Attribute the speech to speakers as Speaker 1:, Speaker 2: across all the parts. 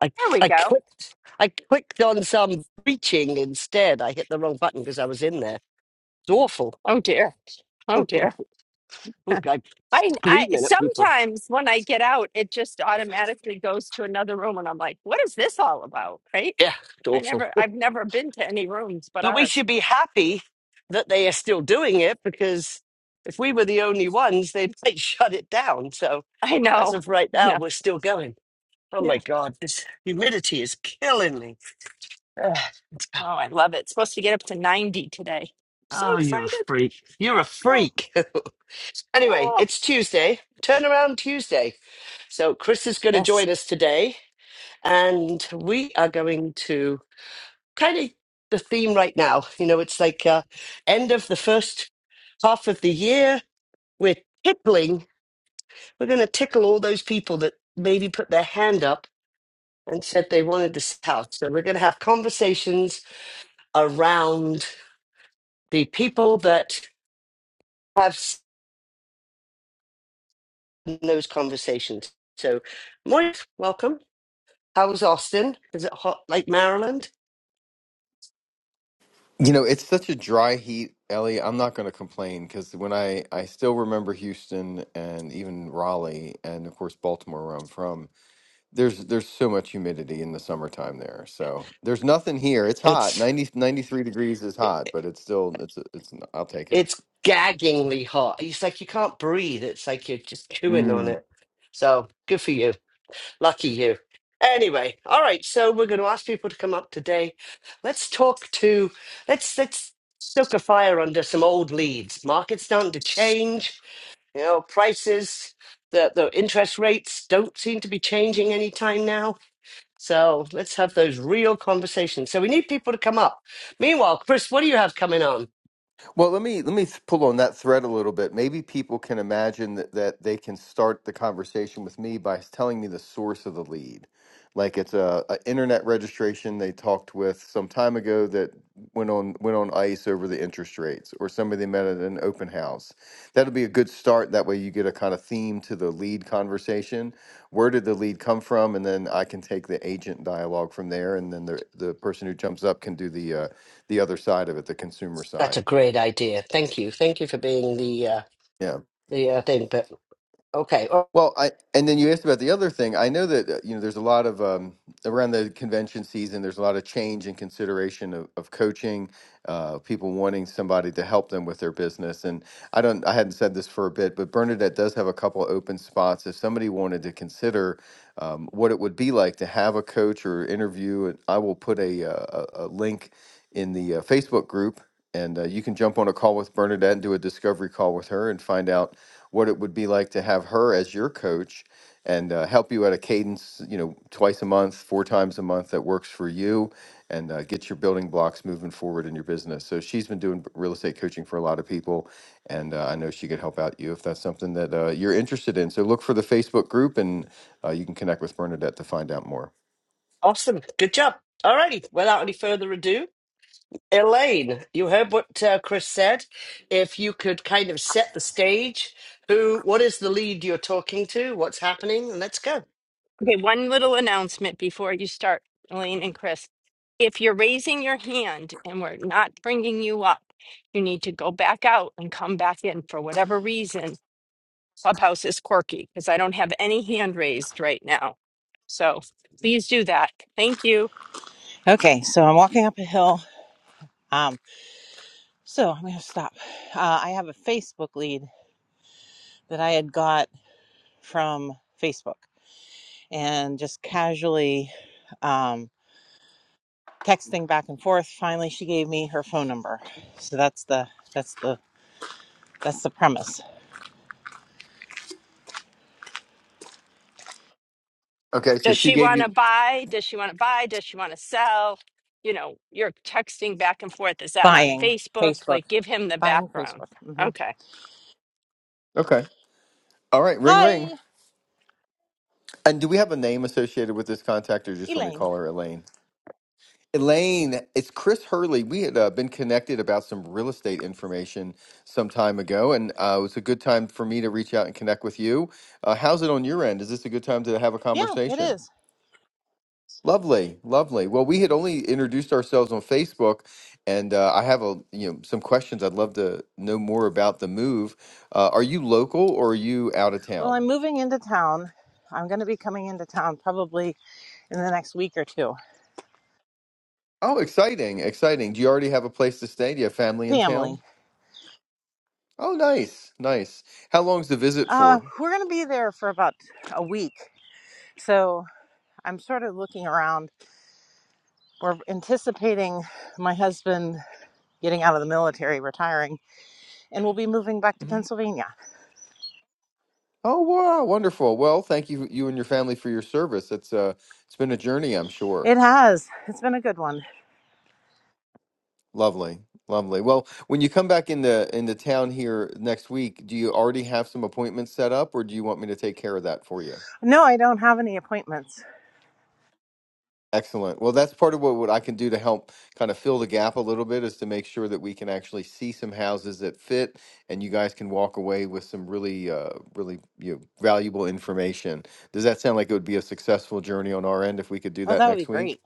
Speaker 1: I
Speaker 2: There we
Speaker 1: I
Speaker 2: go.
Speaker 1: clicked I clicked on some preaching instead. I hit the wrong button because I was in there. It's awful.
Speaker 2: Oh dear. Oh dear.
Speaker 1: Look, I'm
Speaker 2: I, I
Speaker 1: screaming at people.
Speaker 2: sometimes when I get out, it just automatically goes to another room, and I'm like, "What is this all about?" Right?
Speaker 1: Yeah, it's
Speaker 2: I
Speaker 1: awful.
Speaker 2: never, I've never been to any rooms but
Speaker 1: But we
Speaker 2: ours.
Speaker 1: should be happy that they are still doing it because if we were the only ones, they'd might shut it down. So
Speaker 2: I
Speaker 1: as
Speaker 2: know.
Speaker 1: of right now,
Speaker 2: No.
Speaker 1: we're still going. Oh my
Speaker 2: Yeah.
Speaker 1: God, this humidity is killing me.
Speaker 2: Oh, I love it. It's supposed to get up to ninety today. So
Speaker 1: Oh, you're a
Speaker 2: excited.
Speaker 1: freak. You're a
Speaker 2: Oh,
Speaker 1: freak. anyway,
Speaker 2: oh.
Speaker 1: it's Tuesday, turnaround Tuesday. So Chris is going to
Speaker 2: Yes.
Speaker 1: join us today, and we are going to kind of the theme right now. You know, it's like uh, end of the first half of the year. We're tickling. We're going to tickle all those people that maybe put their hand up and said they wanted this house. So we're going to have conversations around the people that have. in those conversations. So, Moise, welcome. How was Austin? Is it hot like Maryland?
Speaker 3: You know, it's such a dry heat, Ellie. I'm not going to complain because when I I still remember Houston and even Raleigh and of course Baltimore where I'm from. There's there's so much humidity in the summertime there. So there's nothing here. It's hot.
Speaker 1: It's
Speaker 3: 90 93 degrees is
Speaker 1: it,
Speaker 3: hot, but it's still it's it's I'll take it.
Speaker 1: it's gaggingly hot. It's like you can't breathe. It's like you're just chewing on it. So good for you. Lucky you. Anyway, all right. So we're going to ask people to come up today. Let's talk to. Let's let's stoke a fire under some old leads. Market's starting to change. You know, prices, the the interest rates don't seem to be changing anytime now So let's have those real conversations. So we need people to come up. Meanwhile, Chris, what do you have coming on?
Speaker 3: Well, let me let me th- pull on that thread a little bit. Maybe people can imagine that, that they can start the conversation with me by telling me the source of the lead. Like it's a, a internet registration they talked with some time ago that went on went on ice over the interest rates, or somebody they met at an open house. That'll be a good start. That way, you get a kind of theme to the lead conversation. Where did the lead come from? And then I can take the agent dialogue from there, and then the the person who jumps up can do the uh, the other side of it, the consumer
Speaker 1: That's
Speaker 3: side.
Speaker 1: a great idea. Thank you. Thank you for being the uh,
Speaker 3: Yeah.
Speaker 1: the uh, thing. But okay, Aw-
Speaker 3: Well, I and then you asked about the other thing. I know that uh, you know there's a lot of um, around the convention season. There's a lot of change and consideration of, of coaching, uh, people wanting somebody to help them with their business, and. I don't, I hadn't said this for a bit, but Bernadette does have a couple of open spots. If somebody wanted to consider um, what it would be like to have a coach or interview, and I will put a, uh, a, a link in the uh, Facebook group, and uh, you can jump on a call with Bernadette and do a discovery call with her and find out what it would be like to have her as your coach and uh, help you at a cadence, you know, twice a month, four times a month that works for you and uh, get your building blocks moving forward in your business. So she's been doing real estate coaching for a lot of people and uh, I know she could help out you if that's something that uh, you're interested in. So look for the Facebook group, and uh, you can connect with Bernadette to find out more.
Speaker 1: awesome. Good job. All righty. Without any further ado, Elaine, you heard what uh, Chris said. If you could kind of set the stage, who, what is the lead you're talking to? What's happening? And Let's go.
Speaker 2: Okay, one little announcement before you start, Elaine and Chris. If you're raising your hand and we're not bringing you up, you need to go back out and come back in for whatever reason. Clubhouse is quirky because I don't have any hand raised right now. So please do that. Thank you.
Speaker 4: Okay, so I'm walking up a hill. Um, so I'm going to stop. Uh, I have a Facebook lead that I had got from Facebook and just casually um, texting back and forth. Finally, she gave me her phone number. So that's the that's the that's the premise.
Speaker 3: Okay, so
Speaker 2: Does
Speaker 3: she
Speaker 2: she
Speaker 3: gave
Speaker 2: want
Speaker 3: you.
Speaker 2: to buy? Does she want to buy? Does she want to sell? You know, you're texting back and forth. Is that on
Speaker 4: Buying
Speaker 2: Facebook?
Speaker 4: Facebook,
Speaker 2: Like, give him the
Speaker 4: buying
Speaker 2: background.
Speaker 4: Facebook. hmm
Speaker 2: Okay,
Speaker 3: Okay, all right, ring ring.
Speaker 4: Hi,
Speaker 3: And do we have a name associated with this contact, or just when we
Speaker 4: Elaine.
Speaker 3: call her Elaine? Elaine, it's Chris Hurley. We had uh, been connected about some real estate information some time ago, and uh, it was a good time for me to reach out and connect with you. Uh, how's it on your end? Is this a good time to have a
Speaker 4: Yeah, it
Speaker 3: conversation?
Speaker 4: is.
Speaker 3: Lovely, lovely. Well, we had only introduced ourselves on Facebook, and uh, I have a you know some questions. I'd love to know more about the move. Uh, are you local or are you out of
Speaker 4: Well,
Speaker 3: town?
Speaker 4: I'm moving into town. I'm going to be coming into town probably in the next week or two.
Speaker 3: Oh, exciting, exciting. Do you already have a place to stay? Do you have family in
Speaker 4: Family
Speaker 3: town? Oh, nice, nice. How long's the visit
Speaker 4: Uh,
Speaker 3: for?
Speaker 4: we're going to be there for about a week. So I'm sort of looking around. We're anticipating my husband getting out of the military, retiring, and we'll be moving back to
Speaker 3: hmm
Speaker 4: Pennsylvania.
Speaker 3: Oh, wow, wonderful. Well, thank you, you and your family for your service. It's uh, it's been a journey, I'm sure.
Speaker 4: It has. It's been a good one.
Speaker 3: Lovely, lovely. Well, when you come back into into town here next week, do you already have some appointments set up, or do you want me to take care of that for you?
Speaker 4: No, I don't have any appointments.
Speaker 3: Excellent. Well, that's part of what, what I can do to help kind of fill the gap a little bit is to make sure that we can actually see some houses that fit, and you guys can walk away with some really, uh, really you know, valuable information. Does that sound like it would be a successful journey on our end if we could do
Speaker 4: Oh,
Speaker 3: that
Speaker 4: that would be
Speaker 3: next week?
Speaker 4: great.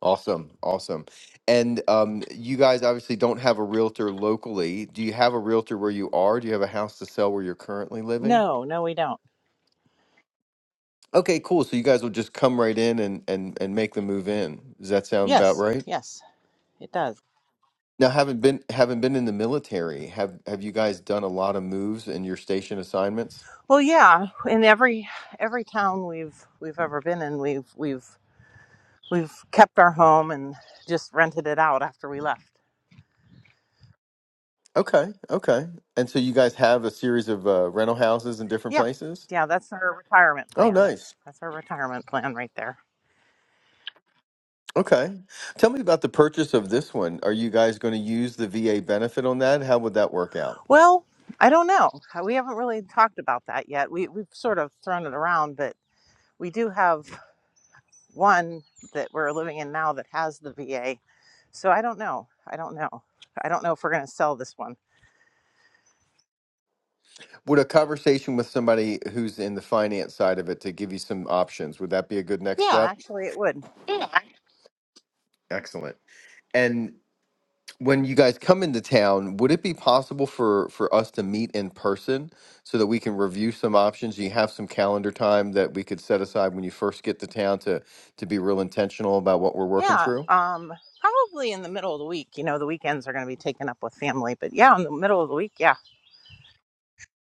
Speaker 3: Awesome, awesome. And um, you guys obviously don't have a realtor locally. Do you have a realtor where you are? Do you have a house to sell where you're currently living?
Speaker 4: No, no, we don't.
Speaker 3: Okay, cool. So you guys will just come right in and and and make the move in. Does that sound about
Speaker 4: Yes,
Speaker 3: right?
Speaker 4: yes, it does.
Speaker 3: Now, having been having been in the military, have have you guys done a lot of moves in your station assignments?
Speaker 4: Well, yeah, in every every town we've we've ever been in, we've we've we've kept our home and just rented it out after we left.
Speaker 3: Okay, okay. And so you guys have a series of uh, rental houses in different
Speaker 4: Yeah.
Speaker 3: places?
Speaker 4: Yeah, that's our retirement
Speaker 3: Oh,
Speaker 4: plan.
Speaker 3: nice.
Speaker 4: That's our retirement plan right there.
Speaker 3: Okay. Tell me about the purchase of this one. Are you guys going to use the VA benefit on that? How would that work out?
Speaker 4: Well, I don't know. Uh, We haven't really talked about that yet. We we've sort of thrown it around, but we do have one that we're living in now that has the VA. So I don't know. I don't know. I don't know if we're going to sell this one.
Speaker 3: Would a conversation with somebody who's in the finance side of it to give you some options, would that be a good next
Speaker 4: Yeah,
Speaker 3: step?
Speaker 4: actually it would.
Speaker 3: Excellent. And when you guys come into town, would it be possible for for us to meet in person so that we can review some options? Do you have some calendar time that we could set aside when you first get to town to to be real intentional about what we're working
Speaker 4: Yeah,
Speaker 3: through?
Speaker 4: um probably in the middle of the week. You know, the weekends are going to be taken up with family, but yeah, in the middle of the week, yeah.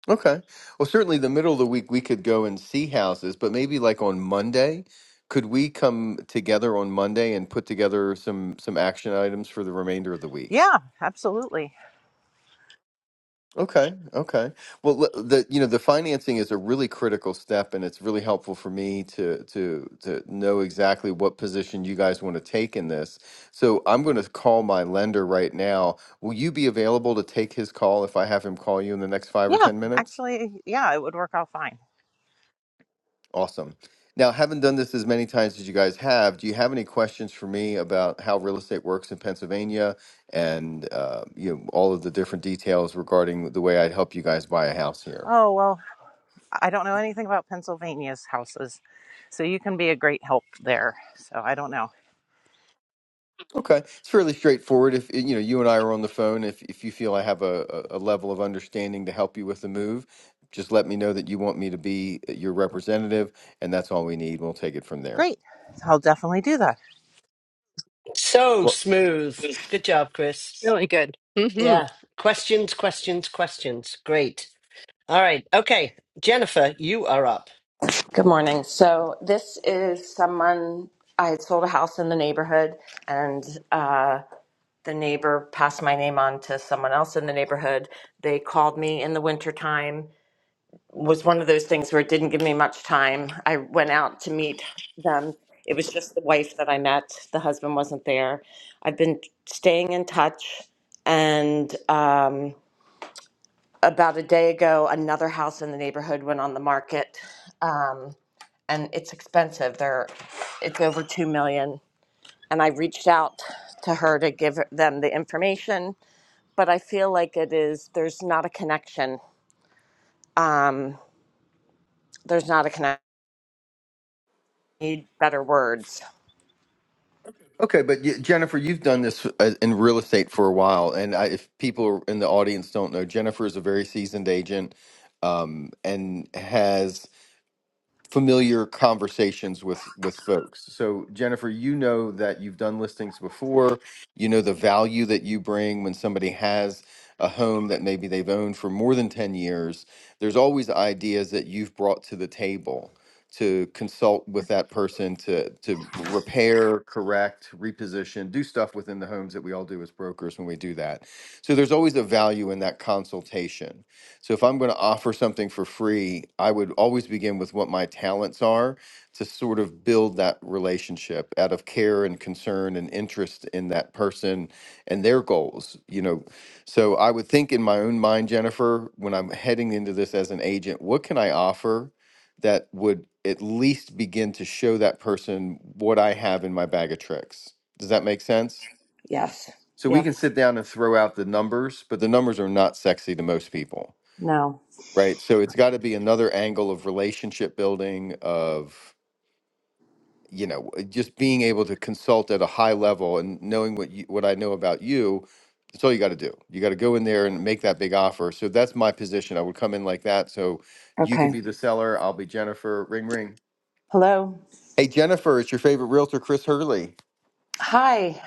Speaker 3: Okay. Well, certainly the middle of the week we could go and see houses, but maybe like on Monday, could we come together on Monday and put together some some action items for the remainder of the week?
Speaker 4: Yeah, absolutely.
Speaker 3: Okay. Okay. Well, le- the you know the financing is a really critical step, and it's really helpful for me to to to know exactly what position you guys want to take in this. So I'm going to call my lender right now. Will you be available to take his call if I have him call you in the next five or
Speaker 4: Yeah,
Speaker 3: ten minutes?
Speaker 4: actually yeah, it would work out fine.
Speaker 3: Awesome. Now, haven't done this as many times as you guys have. Do you have any questions for me about how real estate works in Pennsylvania and uh, you know all of the different details regarding the way I'd help you guys buy a house here?
Speaker 4: Oh, well, I don't know anything about Pennsylvania's houses, so you can be a great help there. So I don't know.
Speaker 3: Okay, it's fairly straightforward. If you know you and I are on the phone, if if you feel I have a, a a level of understanding to help you with the move, just let me know that you want me to be your representative, and that's all we need. We'll take it from there.
Speaker 4: Great. I'll definitely do that.
Speaker 1: So
Speaker 3: Well,
Speaker 1: smooth. Good job, Chris.
Speaker 2: really good. Mm-hmm.
Speaker 1: Yeah. Questions, questions, questions. Great. All right. Okay. Jennifer, you are up.
Speaker 5: Good morning. So this is someone I had sold a house in the neighborhood, and uh, the neighbor passed my name on to someone else in the neighborhood. They called me in the wintertime. Was one of those things where it didn't give me much time. I went out to meet them. It was just the wife that I met. The husband wasn't there. I've been staying in touch, and um, about a day ago, another house in the neighborhood went on the market. Um, and it's expensive. They're it's over two million. And I reached out to her to give them the information, but I feel like it is there's not a connection. Um, there's not a connection. Need better words.
Speaker 3: Okay, but y Jennifer, you've done this uh, in real estate for a while, and I, if people in the audience don't know, Jennifer is a very seasoned agent, um, and has familiar conversations with with folks. So Jennifer, you know that you've done listings before. You know the value that you bring when somebody has a home that maybe they've owned for more than 10 years. There's always ideas that you've brought to the table to consult with that person to to repair, correct, reposition, do stuff within the homes that we all do as brokers when we do that. So there's always a value in that consultation so if I'm going to offer something for free, I would always begin with what my talents are to sort of build that relationship out of care and concern and interest in that person and their goals, you know. So I would think in my own mind, Jennifer, when I'm heading into this as an agent, what can I offer that would at least begin to show that person what I have in my bag of tricks? Does that make sense?
Speaker 5: Yes.
Speaker 3: So we
Speaker 5: Yep.
Speaker 3: can sit down and throw out the numbers, but the numbers are not sexy to most people.
Speaker 5: No.
Speaker 3: Right. So it's got to be another angle of relationship building, of you know, uh, just being able to consult at a high level and knowing what you, what I know about you. That's all you got to do. You got to go in there and make that big offer. So that's my position. I would come in like that. So you could
Speaker 5: Okay.
Speaker 3: be the seller. I'll be Jennifer. Ring ring.
Speaker 5: Hello.
Speaker 3: Hey Jennifer, it's your favorite realtor, Chris Hurley.
Speaker 5: Hi.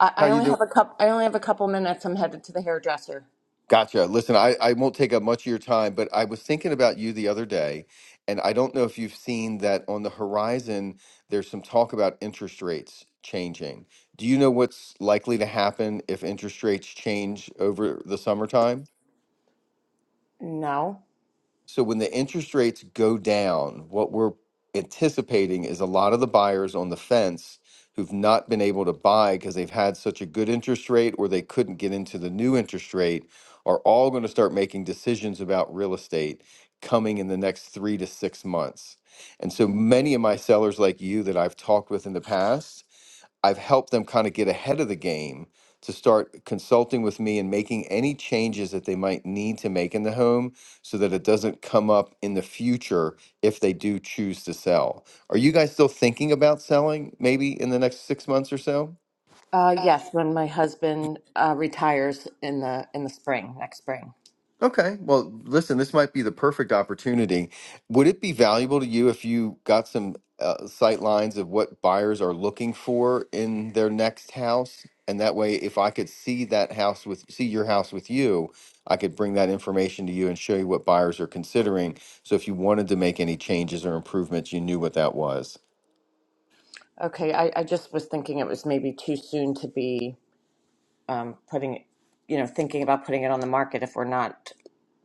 Speaker 5: I,
Speaker 3: How
Speaker 5: I
Speaker 3: you
Speaker 5: only
Speaker 3: doing?
Speaker 5: have a cup. I only have a couple minutes. I'm headed to the hairdresser.
Speaker 3: Gotcha. Listen, I, I won't take up much of your time, but I was thinking about you the other day, and I don't know if you've seen that on the horizon, there's some talk about interest rates changing. Do you know what's likely to happen if interest rates change over the summertime?
Speaker 5: No.
Speaker 3: So when the interest rates go down, what we're anticipating is a lot of the buyers on the fence who've not been able to buy because they've had such a good interest rate or they couldn't get into the new interest rate are all going to start making decisions about real estate coming in the next 3 to 6 months. And so many of my sellers like you that I've talked with in the past I've helped them kind of get ahead of the game to start consulting with me and making any changes that they might need to make in the home so that it doesn't come up in the future if they do choose to sell. Are you guys still thinking about selling maybe in the next six months or so?
Speaker 5: Uh, yes, when my husband uh, retires in the in the spring next spring.
Speaker 3: Okay. Well, listen, this might be the perfect opportunity. Would it be valuable to you if you got some uh, sight lines of what buyers are looking for in their next house? And that way, if I could see that house with, see your house with you, I could bring that information to you and show you what buyers are considering. So if you wanted to make any changes or improvements, you knew what that was.
Speaker 5: Okay, I, I just was thinking it was maybe too soon to be um, putting, it- you know, thinking about putting it on the market if we're not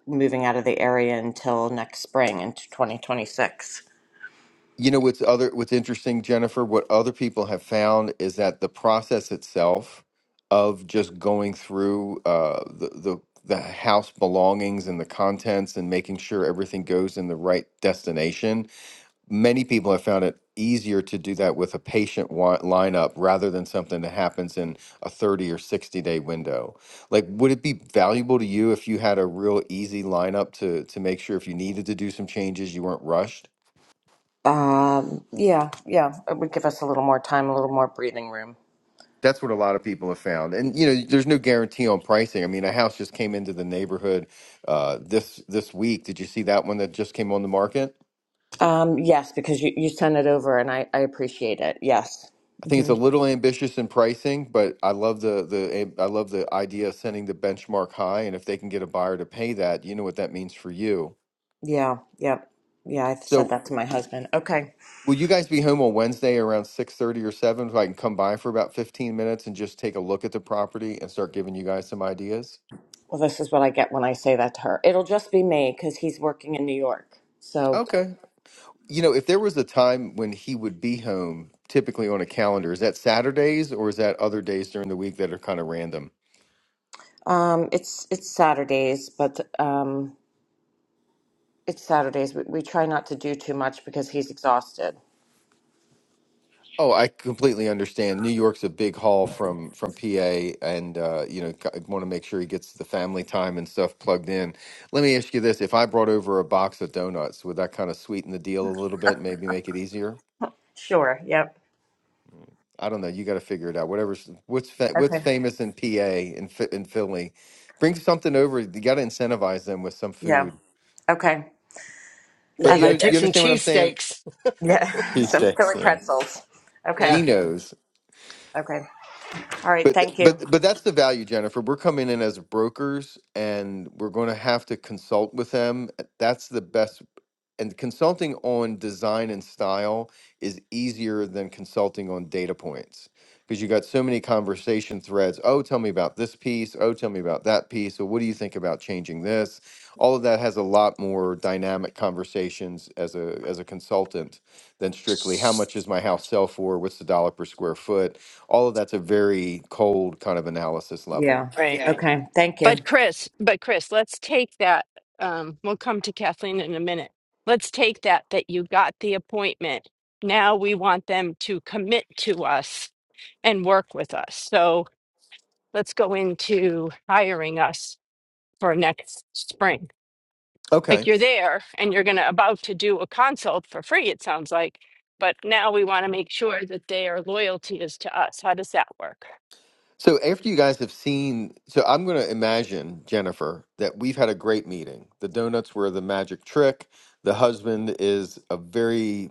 Speaker 5: moving out of the area until next spring into 2026.
Speaker 3: You know, what's other what's interesting, Jennifer, what other people have found is that the process itself of just going through uh, the the the house belongings and the contents and making sure everything goes in the right destination. Many people have found it easier to do that with a patient wi- lineup rather than something that happens in a 30 or 60 day window. Like, would it be valuable to you if you had a real easy lineup to to make sure if you needed to do some changes, you weren't rushed?
Speaker 5: Um, yeah, yeah, it would give us a little more time, a little more breathing room.
Speaker 3: That's what a lot of people have found, and you know, there's no guarantee on pricing. I mean, a house just came into the neighborhood uh, this this week. Did you see that one that just came on the market?
Speaker 5: Um, yes, because you, you sent it over and I, I appreciate it. Yes.
Speaker 3: I think it's
Speaker 5: hmm
Speaker 3: a little ambitious in pricing, but I love the the I love the idea of setting the benchmark high, and if they can get a buyer to pay that, you know what that means for you.
Speaker 5: Yeah, yeah, yeah, I've said
Speaker 3: So,
Speaker 5: that to my husband. Okay,
Speaker 3: will you guys be home on Wednesday around six thirty or seven, so I can come by for about fifteen minutes and just take a look at the property and start giving you guys some ideas?
Speaker 5: well, this is what I get when I say that to her. It'll just be me because he's working in New York. So
Speaker 3: okay. You know, if there was a time when he would be home, typically on a calendar, is that Saturdays or is that other days during the week that are kind of random?
Speaker 5: Um, it's it's Saturdays, but um, it's Saturdays. We, we try not to do too much because he's exhausted.
Speaker 3: Oh, I completely understand. New York's a big haul from from PA, and uh, you know, want to make sure he gets the family time and stuff plugged in. Let me ask you this: If I brought over a box of donuts, would that kind of sweeten the deal a little bit, maybe make it easier?
Speaker 5: Sure. Yep.
Speaker 3: I don't know. You got to figure it out. Whatever's what's fa- what's
Speaker 5: Okay.
Speaker 3: famous in PA and in, Phi- in Philly, bring something over. You got to incentivize them with some
Speaker 5: Yeah.
Speaker 3: food.
Speaker 5: Okay.
Speaker 1: There
Speaker 3: But
Speaker 5: I
Speaker 1: you go.
Speaker 5: like
Speaker 3: you
Speaker 1: Take
Speaker 3: you
Speaker 5: that.
Speaker 1: some
Speaker 3: understand what I'm saying?
Speaker 1: cheesesteaks.
Speaker 5: Yeah. Some
Speaker 3: T6,
Speaker 5: Philly
Speaker 3: yeah.
Speaker 5: pretzels. Okay.
Speaker 1: Yeah,
Speaker 3: Genos.
Speaker 5: Okay. All right.
Speaker 3: But th-
Speaker 5: Thank you.
Speaker 3: but but that's the value, Jennifer. We're coming in as brokers, and we're going to have to consult with them. That's the best and consulting on design and style is easier than consulting on data points because you got so many conversation threads. Oh, tell me about this piece. Oh, tell me about that piece. So, what do you think about changing this? All of that has a lot more dynamic conversations as a as a consultant than strictly how much is my house sell for? What's the dollar per square foot? All of that's a very cold kind of analysis level.
Speaker 5: Yeah.
Speaker 2: Right.
Speaker 5: Okay. Thank
Speaker 2: But
Speaker 5: you.
Speaker 2: Chris, but Chris, let's take that. Um, we'll come to Kathleen in a minute. Let's take that that you got the appointment. Now we want them to commit to us and work with us. So let's go into hiring us for next spring.
Speaker 3: Okay.
Speaker 2: Like you're there and you're gonna about to do a consult for free, it sounds like. But now we want to make sure that their loyalty is to us. How does that work?
Speaker 3: So after you guys have seen, so I'm going to imagine, Jennifer, that we've had a great meeting. The donuts were the magic trick. The husband is a very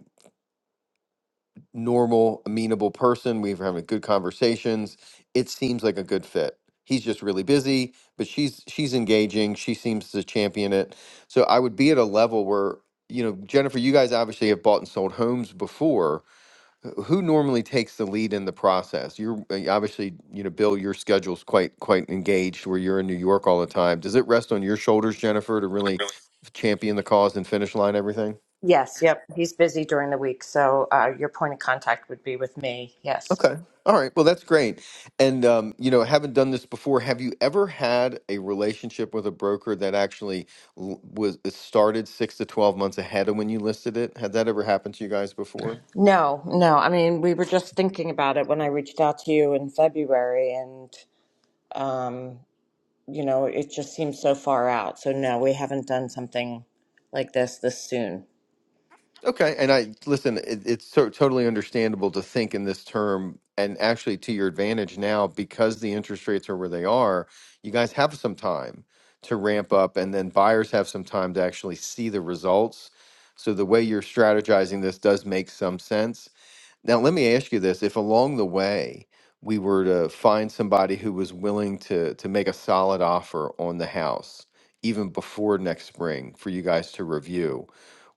Speaker 3: normal, amenable person. We've having good conversations. It seems like a good fit. He's just really busy, but she's she's engaging. She seems to champion it. So I would be at a level where, you know, Jennifer, you guys obviously have bought and sold homes before uh, Who normally takes the lead in the process? You're uh, obviously, you know, Bill, your schedule's quite quite engaged where you're in New York all the time. Does it rest on your shoulders, Jennifer, to really champion the cause and finish line everything?
Speaker 5: Yes, yep. He's busy during the week, so uh, your point of contact would be with me. Yes.
Speaker 3: Okay. All right. Well, that's great. And um, you know, haven't done this before. Have you ever had a relationship with a broker that actually l- was it started 6 to 12 months ahead of when you listed it? Had that ever happened to you guys before?
Speaker 5: No, no. I mean, we were just thinking about it when I reached out to you in February, and um, you know, it just seems so far out. So no, we haven't done something like this this soon.
Speaker 3: Okay, and I listen. It, it's so totally understandable to think in this term, and actually to your advantage now because the interest rates are where they are. You guys have some time to ramp up, and then buyers have some time to actually see the results. So the way you're strategizing this does make some sense now, let me ask you this. If along the way we were to find somebody who was willing to to make a solid offer on the house even before next spring for you guys to review,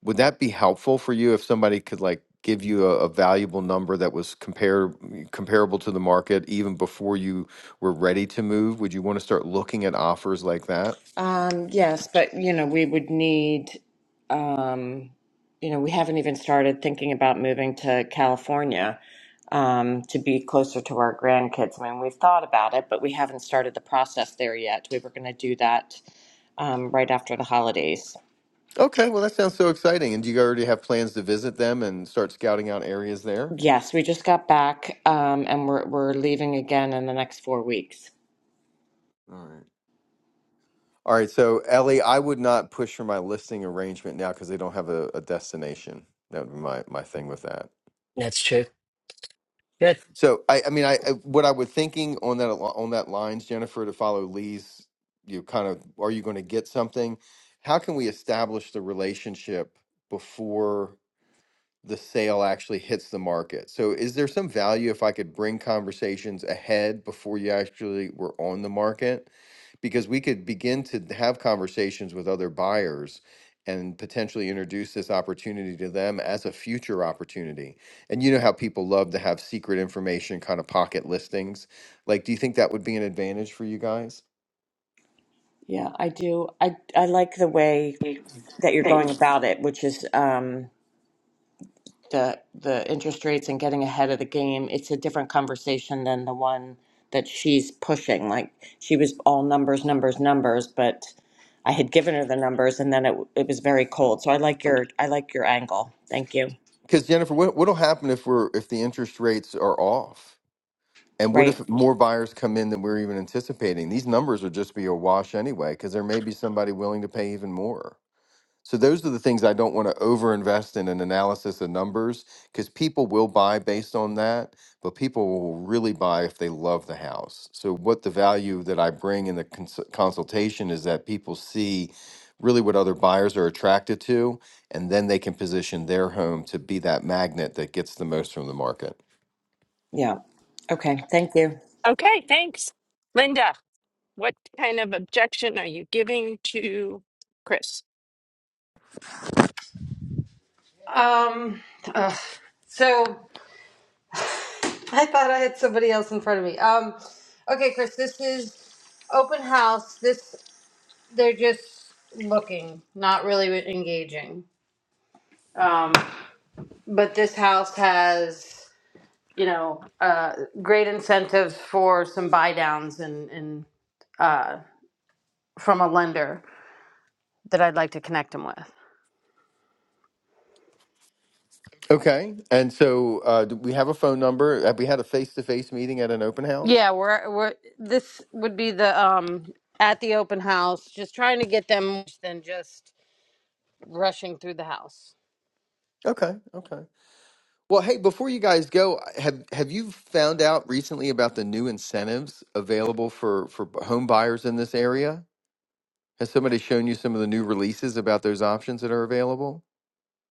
Speaker 3: would that be helpful for you if somebody could like give you a, a valuable number that was compare, comparable to the market even before you were ready to move? Would you want to start looking at offers like that?
Speaker 5: Um, yes, but you know, we would need, um, you know, we haven't even started thinking about moving to California um, to be closer to our grandkids. I mean, we've thought about it, but we haven't started the process there yet. We were going to do that um, right after the holidays.
Speaker 3: Okay, well that sounds so exciting. And do you already have plans to visit them and start scouting out areas there?
Speaker 5: Yes, we just got back, um, and we're we're leaving again in the next four weeks.
Speaker 3: All right. All right, so Ellie, I would not push for my listing arrangement now because they don't have a, a destination. That would be my, my thing with that.
Speaker 1: that's true. Good.
Speaker 3: So I, I mean, I, I what I was thinking on that al- on that lines, Jennifer, to follow Lee's, you kind of, are you going to get something? How can we establish the relationship before? the sale actually hits the market. So is there some value if I could bring conversations ahead before you actually were on the market? Because we could begin to have conversations with other buyers and potentially introduce this opportunity to them as a future opportunity. And you know how people love to have secret information, kind of pocket listings. Like, do you think that would be an advantage for you guys?
Speaker 5: Yeah, I do. I I like the way that you're going
Speaker 3: Because
Speaker 5: about it, which is um, the the interest rates and getting ahead of the game. It's a different conversation than the one that she's pushing. Like she was all numbers, numbers, numbers, but I had given her the numbers, and then it it was very cold. So I like your I like your angle. Thank you.
Speaker 3: Jennifer, what what'll happen if we're if the interest rates are off? And what
Speaker 5: Right?
Speaker 3: if more buyers come in than we're even anticipating? These numbers would just be a wash anyway, because there may be somebody willing to pay even more. So those are the things I don't want to overinvest in an analysis of numbers, because people will buy based on that, but people will really buy if they love the house. So what the value that I bring in the cons- consultation is that people see really what other buyers are attracted to, and then they can position their home to be that magnet that gets the most from the market.
Speaker 5: Yeah. Okay. Thank you.
Speaker 2: Okay, thanks. Linda. What kind of objection are you giving to Chris?
Speaker 6: Um, ugh. so I thought I had somebody else in front of me. Um, okay, Chris, this is open house. This they're just looking, not really engaging. Um, but this house has you know uh, great incentives for some buy downs and and uh, from a lender that I'd like to connect them with.
Speaker 3: Okay. And so uh, do we have a phone number? Have we had a face to face meeting at an open house?
Speaker 6: Yeah, we're we're this would be the um at the open house, just trying to get them more than just rushing through the house.
Speaker 3: Okay. Okay. Well, hey, before you guys go, have have you found out recently about the new incentives available for for home buyers in this area? Has somebody shown you some of the new releases about those options that are available?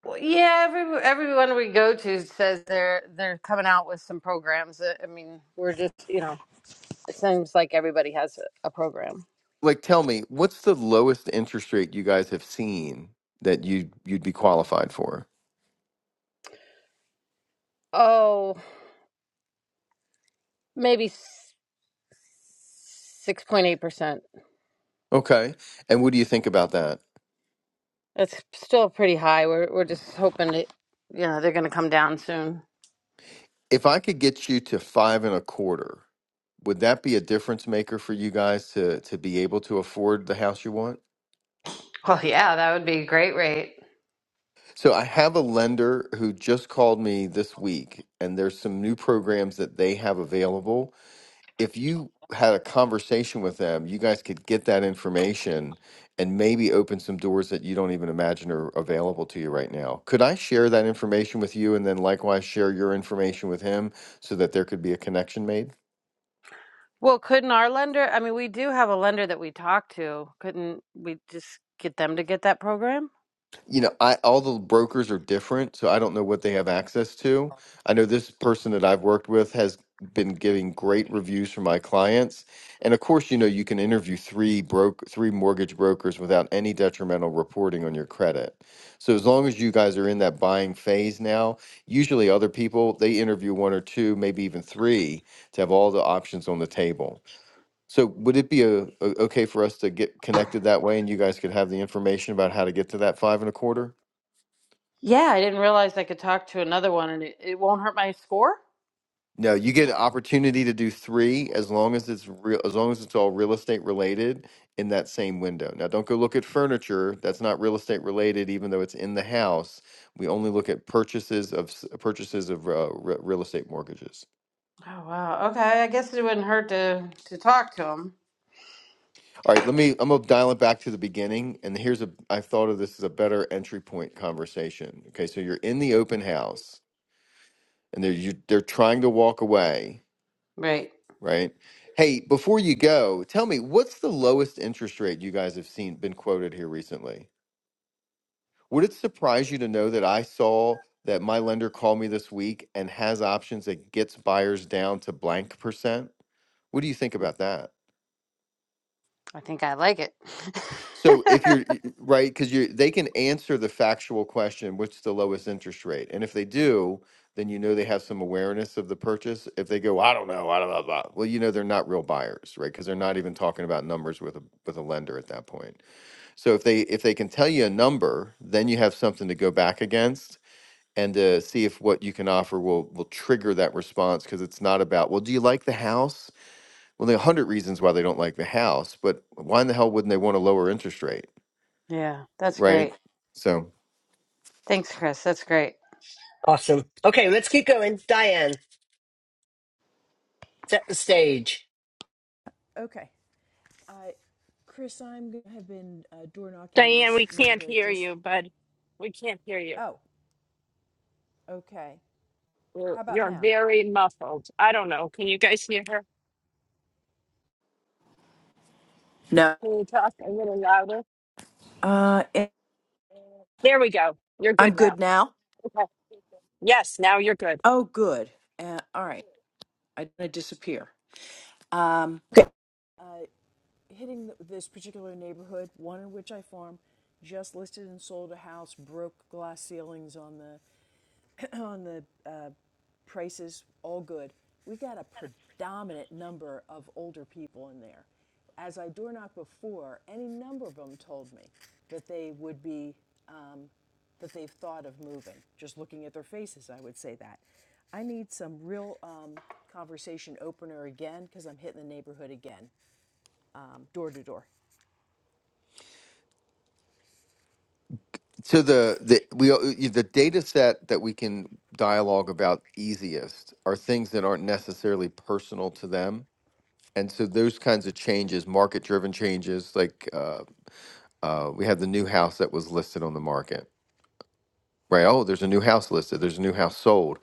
Speaker 6: Well, yeah, every everyone we go to says they're they're coming out with some programs. Uh, I mean, we're just you know, it seems like everybody has a, a program.
Speaker 3: Like, tell me, what's the lowest interest rate you guys have seen that you you'd you'd be qualified for?
Speaker 6: Oh, maybe six point eight percent.
Speaker 3: Okay. And what do you think about that?
Speaker 6: That's still pretty high. We're we're just hoping that you know they're going to come down soon.
Speaker 3: If I could get you to five and a quarter, would that be a difference maker for you guys to to be able to afford the house you want?
Speaker 6: Well, yeah, that would be a great rate.
Speaker 3: So I have a lender who just called me this week and there's some new programs that they have available. If you had a conversation with them, you guys could get that information and maybe open some doors that you don't even imagine are available to you right now. Could I share that information with you and then likewise share your information with him so that there could be a connection made?
Speaker 6: Well, couldn't our lender? I mean, we do have a lender that we talk to. Couldn't we just get them to get that program?
Speaker 3: you know, I all the brokers are different, so I don't know what they have access to. I know this person that I've worked with has been giving great reviews for my clients. And of course, you know, you can interview three broke three mortgage brokers without any detrimental reporting on your credit. So as long as you guys are in that buying phase now, usually other people they interview one or two, maybe even three to have all the options on the table. So would it be a, a okay for us to get connected that way and you guys could have the information about how to get to that five and a quarter?
Speaker 6: Yeah, I didn't realize I could talk to another one and it, it won't hurt my score?
Speaker 3: No, you get an opportunity to do three as long as it's real, as long as it's all real estate related in that same window. Now, don't go look at furniture. That's not real estate related, even though it's in the house. We only look at purchases of s- purchases of uh, re- real estate mortgages.
Speaker 6: Oh wow. Okay, I guess it wouldn't hurt to to talk to him.
Speaker 3: All right, let me. I'm gonna dial it back to the beginning, and here's a. I thought of this as a better entry point conversation. Okay, so you're in the open house, and they're you, they're trying to walk away
Speaker 6: Right.
Speaker 3: right? Hey, before you go, tell me what's the lowest interest rate you guys have seen been quoted here recently? Would it surprise you to know that I saw that my lender called me this week and has options that gets buyers down to blank percent? What do you think about that?
Speaker 6: I think I like it.
Speaker 3: So if you're right, because you they can answer the factual question, what's the lowest interest rate? And if they do, then you know they have some awareness of the purchase. If they go, I don't know, I don't know, blah," well, you know they're not real buyers, right? Because they're not even talking about numbers with a with a lender at that point. So if they if they can tell you a number, then you have something to go back against and to see if what you can offer will will trigger that response because it's not about, well, do you like the house? Well, there are a hundred reasons why they don't like the house, but why in the hell wouldn't they want a lower interest rate?
Speaker 6: yeah, that's
Speaker 3: right?
Speaker 6: great.
Speaker 3: So
Speaker 6: Thanks, Chris. That's great.
Speaker 1: Awesome. Okay, let's keep going. Diane, set the stage.
Speaker 7: Okay. I, Chris, I'm gonna have been uh, door knocking in
Speaker 2: Diane,
Speaker 7: this
Speaker 2: we can't
Speaker 7: neighborhood.
Speaker 2: hear
Speaker 7: Just
Speaker 2: you, bud. We can't hear you.
Speaker 7: oh, okay.
Speaker 2: You're,
Speaker 7: How about
Speaker 2: you're
Speaker 7: now?
Speaker 2: very muffled. I don't know. Can you guys hear her?
Speaker 7: No.
Speaker 2: Can you talk a little louder?
Speaker 7: Uh, eh,
Speaker 2: There we go. You're
Speaker 7: I'm
Speaker 2: good now.
Speaker 7: good now.
Speaker 2: Okay. Yes, now you're good.
Speaker 7: Oh, good. Uh, all right. I didn't disappear. Um, okay. Uh, hitting th this particular neighborhood, one in which I farm, just listed and sold a house, broke glass ceilings on the on the uh, prices all good. We got a predominant number of older people in there. As I door knocked before, any number of them told me that they would be, um, that they've thought of moving. Just looking at their faces, I would say that. I need some real um, conversation opener again because I'm hitting the neighborhood again, um, door to door.
Speaker 3: to the the we the data set that we can dialogue about easiest are things that aren't necessarily personal to them, and so those kinds of changes, market driven changes, like uh, uh, we had the new house that was listed on the market, right? Oh, there's a new house listed. There's a new house sold.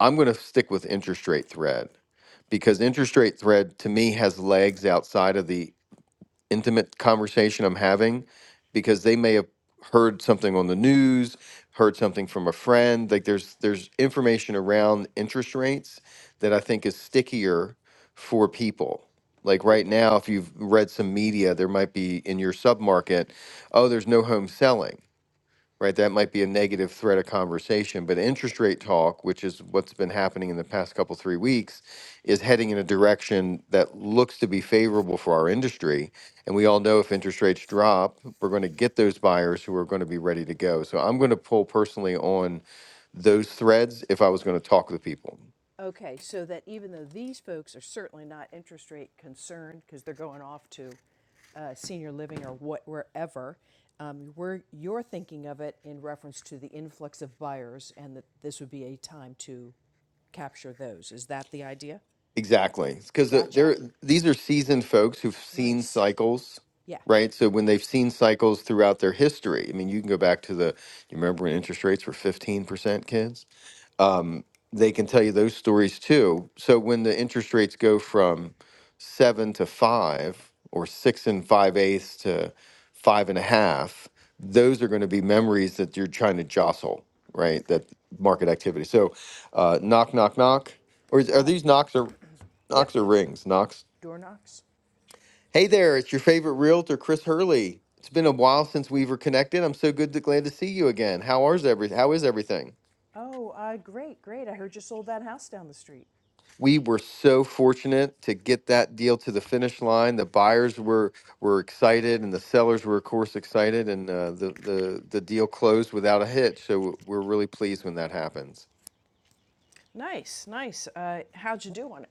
Speaker 3: I'm going to stick with interest rate thread because interest rate thread to me has legs outside of the intimate conversation I'm having because they may have heard something on the news, heard something from a friend. Like there's there's information around interest rates that I think is stickier for people. Like
Speaker 7: Oh,
Speaker 3: right now, if you've read some media, there might be in your submarket, oh, there's no home selling right? That might be a negative thread of conversation, but interest rate talk, which is what's been happening in the past couple three weeks, is heading in a direction that looks to be favorable for our industry. And we all know if interest rates drop, we're going to get those buyers who are going to be ready to go. So I'm going to pull personally on those threads if I was going to talk to people.
Speaker 7: Okay, so that even though these folks are certainly not interest rate concerned because they're going off to uh, senior living or what, wherever, um, we're, you're thinking of it in reference to the influx of buyers and that this would be a time to capture those. Is that the idea?
Speaker 3: Exactly. Because
Speaker 7: Gotcha.
Speaker 3: they're these are seasoned folks who've seen
Speaker 7: Nice.
Speaker 3: cycles,
Speaker 7: Yeah.
Speaker 3: right? So when they've seen cycles throughout their history, I mean, you can go back to the, you remember when interest rates were 15% kids? Um, they can tell you those stories too. So when the interest rates go from seven to five or six and five eighths to five and a half, those are going to be memories that you're trying to jostle, right?
Speaker 7: Okay.
Speaker 3: That market activity. So uh, knock, knock, knock. Or is, are
Speaker 7: Uh,
Speaker 3: these knocks or Knox
Speaker 7: yep.
Speaker 3: or rings, Knox.
Speaker 7: Door knocks.
Speaker 3: Hey there, it's your favorite realtor, Chris Hurley. It's been a while since we were connected. I'm so good to glad to see you again. How is every how is everything?
Speaker 7: Oh, uh, great, great. I heard you sold that house down the street.
Speaker 3: We were so fortunate to get that deal to the finish line. The buyers were were excited, and the sellers were, of course, excited, and uh, the the the deal closed without a hitch. So we're really pleased when that happens.
Speaker 7: Nice, nice. Uh, how'd you do on it?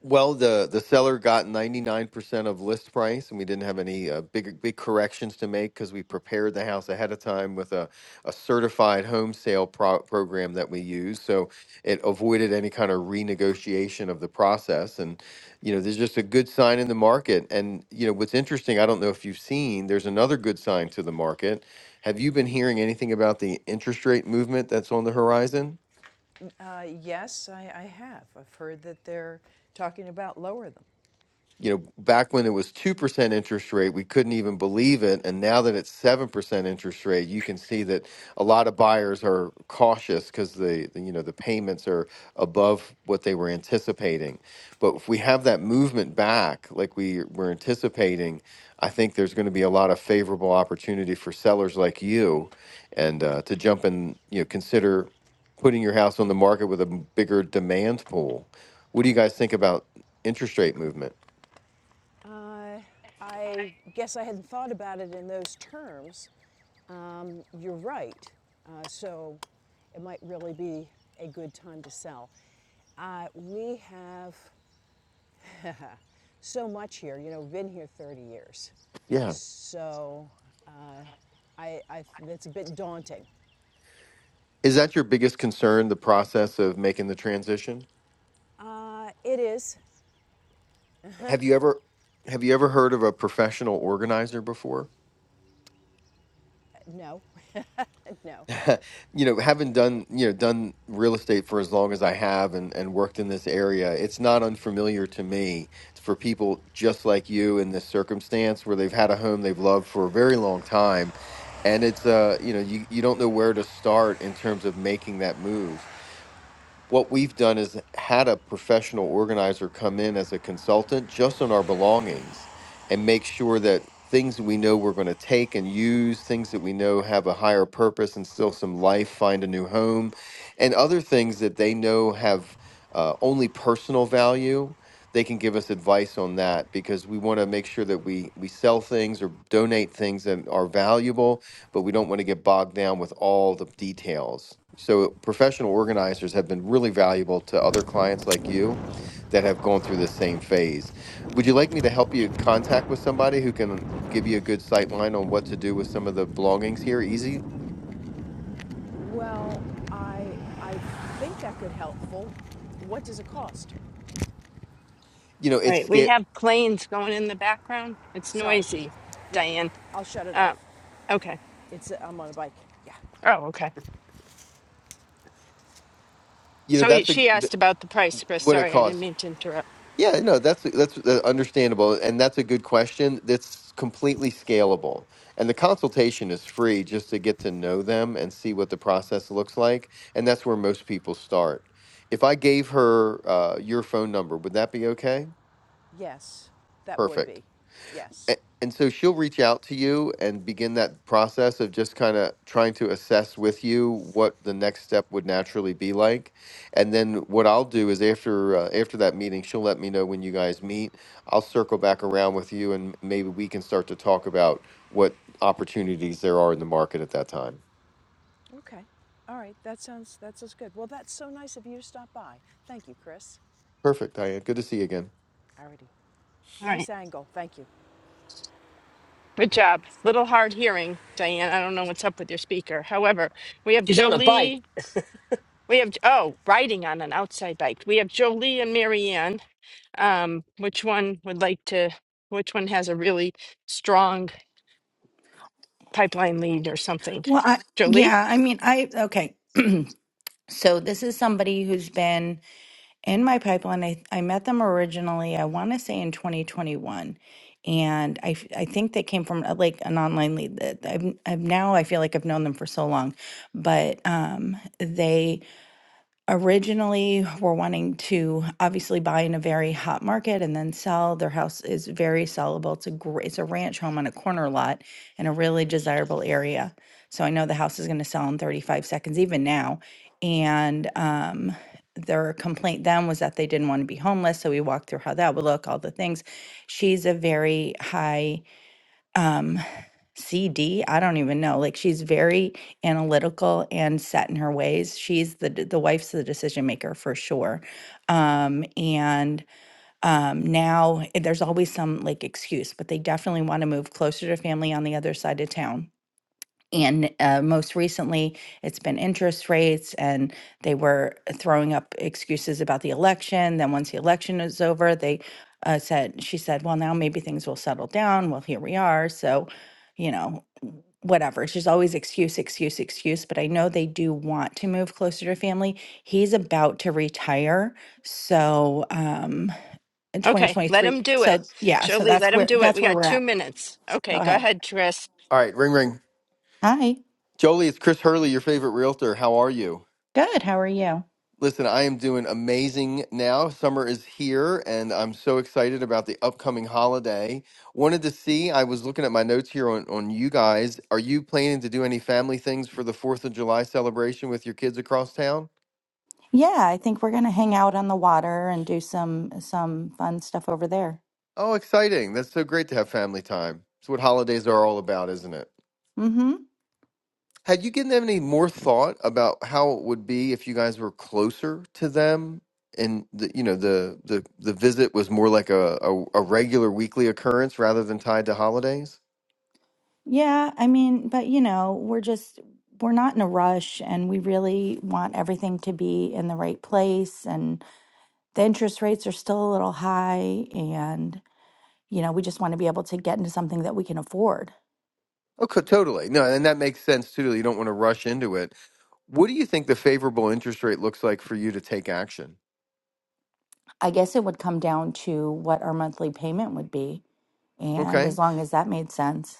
Speaker 3: Well, the the seller got 99% of list price, and we didn't have any uh, big big corrections to make because we prepared the house ahead of time with a, a certified home sale pro- program that we use. So it avoided any kind of renegotiation of the process. And you know, there's just a good sign in the market. And you know, what's interesting, I don't know if you've seen, there's another good sign to the market. Have you been hearing anything about the interest rate movement that's on the horizon?
Speaker 7: Uh, yes, I, I have. I've heard that they're talking about lower them.
Speaker 3: you know, back when it was 2% interest rate, we couldn't even believe it. And now that it's 7% interest rate, you can see that a lot of buyers are cautious because the, the, you know, the payments are above what they were anticipating. But if we have that movement back, like we were anticipating, I think there's going to be a lot of favorable opportunity for sellers like you and uh, to jump in, you know, consider putting your house on the market with a m- bigger demand pool. What do you guys think about interest rate movement?
Speaker 7: Uh, I guess I hadn't thought about it in those terms. Um, you're right. Uh, so it might really be a good time to sell. Uh, we have so much here. You know, been here 30 years.
Speaker 3: Yeah.
Speaker 7: So uh, I, I, it's a bit daunting.
Speaker 3: Is that your biggest concern, the process of making the transition?
Speaker 7: Uh, it is.
Speaker 3: Have you ever have you ever heard of a professional organizer before?
Speaker 7: No, no.
Speaker 3: you know, having done, you know, done real estate for as long as I have and, and worked in this area, it's not unfamiliar to me for people just like you in this circumstance where they've had a home they've loved for a very long time. And it's uh, you know, you, you don't know where to start in terms of making that move what we've done is had a professional organizer come in as a consultant just on our belongings and make sure that things that we know we're going to take and use, things that we know have a higher purpose and still some life, find a new home, and other things that they know have uh, only personal value. They can give us advice on that because we want to make sure that we we sell things or donate things that are valuable but we don't want to get bogged down with all the details. So professional organizers have been really valuable to other clients like you that have gone through the same phase. Would you like me to help you contact with somebody who can give you a good sight line on what to do with some of the belongings here? Easy,
Speaker 7: Well, I I think that could helpful. What does it cost?
Speaker 3: you know,
Speaker 2: All
Speaker 3: it's
Speaker 2: right. We
Speaker 3: scale.
Speaker 2: have planes going in the background. It's
Speaker 7: Sorry.
Speaker 2: noisy,
Speaker 7: Yep.
Speaker 2: Diane.
Speaker 7: I'll shut it off.
Speaker 2: Um, okay.
Speaker 7: It's I'm on a bike. Yeah.
Speaker 2: Oh, okay.
Speaker 3: You know,
Speaker 2: So
Speaker 3: that's what
Speaker 2: she asked
Speaker 3: th-
Speaker 2: about the price, Chris.
Speaker 3: what it
Speaker 2: Sorry, I
Speaker 3: costs.
Speaker 2: didn't mean to interrupt.
Speaker 3: Yeah, no, that's that's uh, understandable, and that's a good question. That's completely scalable, and the consultation is free just to get to know them and see what the process looks like, and that's where most people start. If I gave her uh, your phone number, would that be okay?
Speaker 7: Yes. That would
Speaker 3: Perfect
Speaker 7: be. Yes.
Speaker 3: a- and so she'll reach out to you and begin that process of just kind of trying to assess with you what the next step would naturally be like and then what i'll do is after uh, after that meeting she'll let me know when you guys meet i'll circle back around with you and maybe we can start to talk about what opportunities there are in the market at that time
Speaker 7: Okay. All right. That sounds that sounds good. Well, that's so nice of you to stop by. Thank you, Chris.
Speaker 3: perfect diane good to see you again
Speaker 7: Alrighty.
Speaker 2: All right.
Speaker 7: Nice angle. Thank you.
Speaker 2: Good job. Little hard hearing, Diane. I don't know what's up with your speaker. However, we have
Speaker 1: She's on a bike.
Speaker 2: Jolie. We have oh, riding on an outside bike. We have Jolie and Marianne. Um, which one would like to? Which one has a really strong pipeline lead or something?
Speaker 8: Well, I,
Speaker 2: Jolie.
Speaker 8: yeah, I mean, I, okay. so this is somebody who's been in my pipeline. I, I met them originally, I want to say in 2021. And I, f- I think they came from uh, like an online lead that I've, I've now, I feel like I've known them for so long, but um, they, originally were wanting to obviously buy in a very hot market and then sell. Their house is very sellable. It's a great, it's a ranch home on a corner lot in a really desirable area. So I know the house is going to sell in 35 seconds, even now. And um, their complaint then was that they didn't want to be homeless. So we walked through how that would look, all the things. She's a very high CD, I don't even know. Like she's very analytical and set in her ways. She's the d- the wife's the decision maker for sure. Um and um now eh, there's always some like excuse, but they definitely want to move closer to family on the other side of town and uh, most recently it's been interest rates and they were throwing up excuses about the election then once the election is over they uh, said she said well now maybe things will settle down well here we are so you know w- whatever it's just always excuse excuse excuse but i know they do want to move closer to family he's about to retire so um in
Speaker 2: Okay, let
Speaker 8: 2023
Speaker 2: him do it.
Speaker 8: so yeah so
Speaker 2: Jolie,
Speaker 8: that's
Speaker 2: let him
Speaker 8: where
Speaker 2: do it.
Speaker 8: that's
Speaker 2: We
Speaker 8: where
Speaker 2: got
Speaker 8: we're
Speaker 2: two
Speaker 8: at
Speaker 2: minutes.
Speaker 8: go
Speaker 2: Okay, go
Speaker 8: ahead
Speaker 2: ahead, Chris.
Speaker 3: all right ring ring
Speaker 8: hi
Speaker 3: jolie it's chris hurley your favorite realtor how are you
Speaker 8: good how are you
Speaker 3: Listen, I am doing amazing now. Summer is here, and I'm so excited about the upcoming holiday. Wanted to see, I was looking at my notes here on, on you guys. Are you planning to do any family things for the 4th of July celebration with your kids across town?
Speaker 8: Yeah, I think we're gonna hang out on the water and do some some fun stuff over there.
Speaker 3: Oh, exciting. That's so great to have family time. It's what holidays are all about, isn't it?
Speaker 8: Mm-hmm.
Speaker 3: Had you given them any more thought about how it would be if you guys were closer to them and the, you know the, the the visit was more like a, a, a regular weekly occurrence rather than tied to holidays?
Speaker 8: Yeah, I mean, but you know, we're just we're not in a rush and we really want everything to be in the right place and the interest rates are still a little high and you know, we just want to be able to get into something that we can afford.
Speaker 3: Okay, totally. No, and that makes sense too. You don't want to rush into it. What do you think the favorable interest rate looks like for you to take action?
Speaker 8: I guess it would come down to what our monthly payment would be and
Speaker 3: Okay.
Speaker 8: as long as that made sense.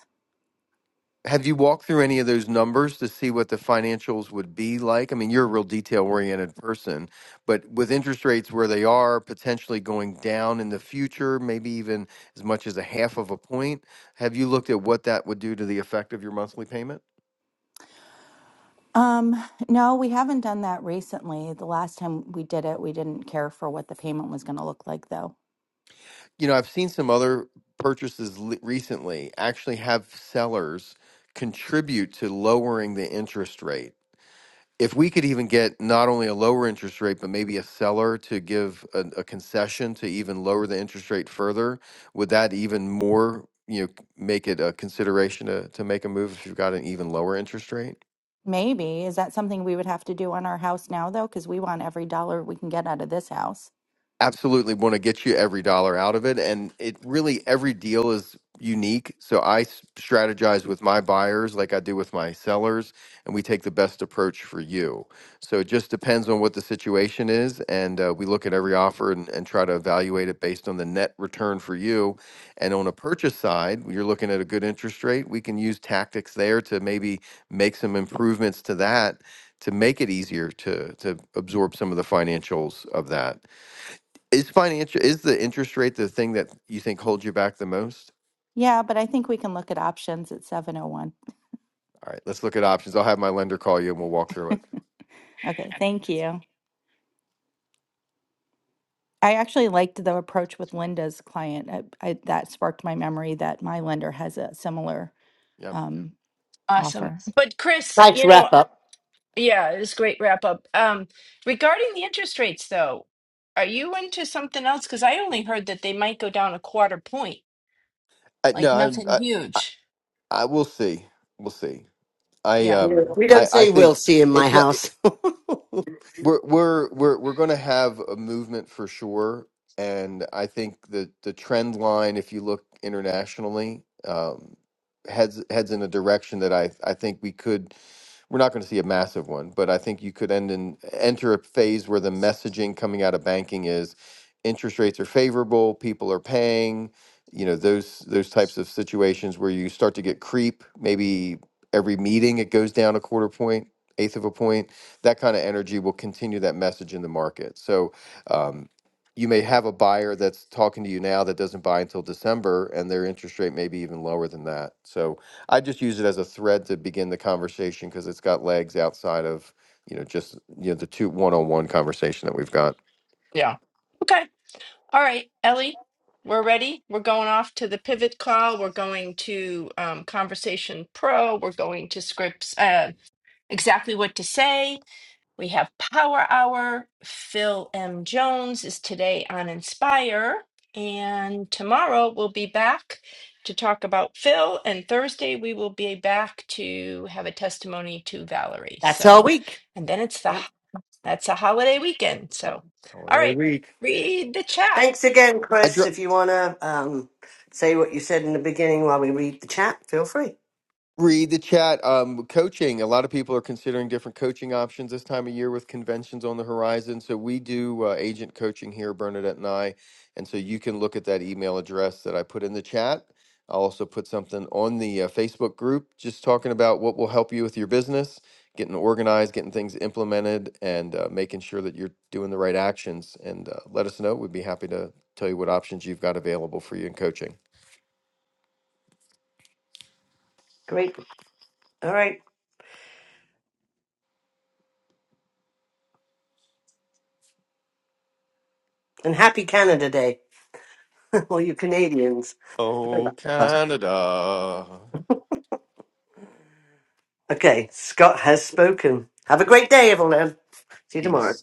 Speaker 3: Have you walked through any of those numbers to see what the financials would be like? I mean, you're a real detail oriented person, but with interest rates where they are potentially going down in the future, maybe even as much as a half of a point, have you looked at what that would do to the effect of your monthly payment?
Speaker 8: Um, no, we haven't done that recently. The last time we did it, we didn't care for what the payment was going to look like, though.
Speaker 3: you know, I've seen some other purchases l- recently actually have sellers contribute to lowering the interest rate. If we could even get not only a lower interest rate, but maybe a seller to give a, a concession to even lower the interest rate further, would that even more, you know, c- make it a consideration to, to make a move if you've got an even lower interest rate?
Speaker 8: Maybe. Is that something we would have to do on our house now, though? Because we want every dollar we can get out of this house.
Speaker 3: absolutely want to get you every dollar out of it and it really every deal is unique so i s- strategize with my buyers like i do with my sellers and we take the best approach for you so it just depends on what the situation is and uh, we look at every offer and, and try to evaluate it based on the net return for you and on a purchase side when you're looking at a good interest rate we can use tactics there to maybe make some improvements to that to make it easier to to absorb some of the financials of that is financial is the interest rate the thing that you think holds you back the most?
Speaker 8: Yeah, but I think we can look at options at 701.
Speaker 3: All right, let's look at options. I'll have my lender call you and we'll walk through it.
Speaker 8: Okay, thank you. I actually liked the approach with Linda's client. I, I, that sparked my memory that my lender has a similar
Speaker 3: Yeah.
Speaker 8: um,
Speaker 2: Awesome.
Speaker 8: offer.
Speaker 2: But Chris,
Speaker 1: Nice
Speaker 2: you know,
Speaker 1: wrap up.
Speaker 2: Yeah, it's a great wrap up. Um, regarding the interest rates, though, are you into something else? Because I only heard that they might go down a quarter point,
Speaker 3: I,
Speaker 2: like
Speaker 3: no,
Speaker 2: nothing
Speaker 3: I, I I
Speaker 2: huge.
Speaker 3: I will see. We'll see. I
Speaker 2: Yeah,
Speaker 3: um
Speaker 1: We don't
Speaker 3: I I
Speaker 1: say we'll
Speaker 3: think
Speaker 1: see in my
Speaker 3: it's not.
Speaker 1: house.
Speaker 3: We're we're we're we're going to have a movement for sure, and I think the the trend line, if you look internationally, um, heads heads in a direction that I I think we could. We're not going to see a massive one, but I think you could end in enter a phase where the messaging coming out of banking is interest rates are favorable, people are paying, you know, those those types of situations where you start to get creep. Maybe every meeting it goes down a quarter point, eighth of a point that kind of energy will continue that message in the market. So um, you may have a buyer that's talking to you now that doesn't buy until December, and their interest rate may be even lower than that. So I just use it as a thread to begin the conversation because it's got legs outside of you know just you know the two one-on-one conversation that we've got.
Speaker 2: yeah. Okay. All right, Ellie, we're ready. We're going off to the pivot call. We're going to um, Conversation Pro. We're going to scripts, uh, exactly what to say. We have Power Hour. Phil M. Jones is today on Inspire. And tomorrow we'll be back to talk about Phil. And Thursday we will be back to have a testimony to Valerie.
Speaker 1: That's our
Speaker 2: So,
Speaker 1: week.
Speaker 2: and then it's the
Speaker 1: Yep.
Speaker 2: that's a holiday weekend.
Speaker 1: yep.
Speaker 2: So, all right, read the chat.
Speaker 1: Thanks again,
Speaker 3: I, dro-
Speaker 1: Chris. If you want to um, say what you said in the beginning while we read the chat, feel free.
Speaker 3: Read the chat. Um, coaching. A lot of people are considering different coaching options this time of year with conventions on the horizon. So we do uh, agent coaching here, Bernadette and I. And so you can look at that email address that I put in the chat. I'll also put something on the uh, Facebook group just talking about what will help you with your business, getting organized, getting things implemented, and uh, making sure that you're doing the right actions. And uh, let us know. We'd be happy to tell you what options you've got available for you in coaching.
Speaker 1: Great. All right. And happy Canada Day, all you Canadians.
Speaker 3: Oh, Canada.
Speaker 1: Okay, Scott has spoken. Have a great day, everyone. See you tomorrow.
Speaker 3: peace.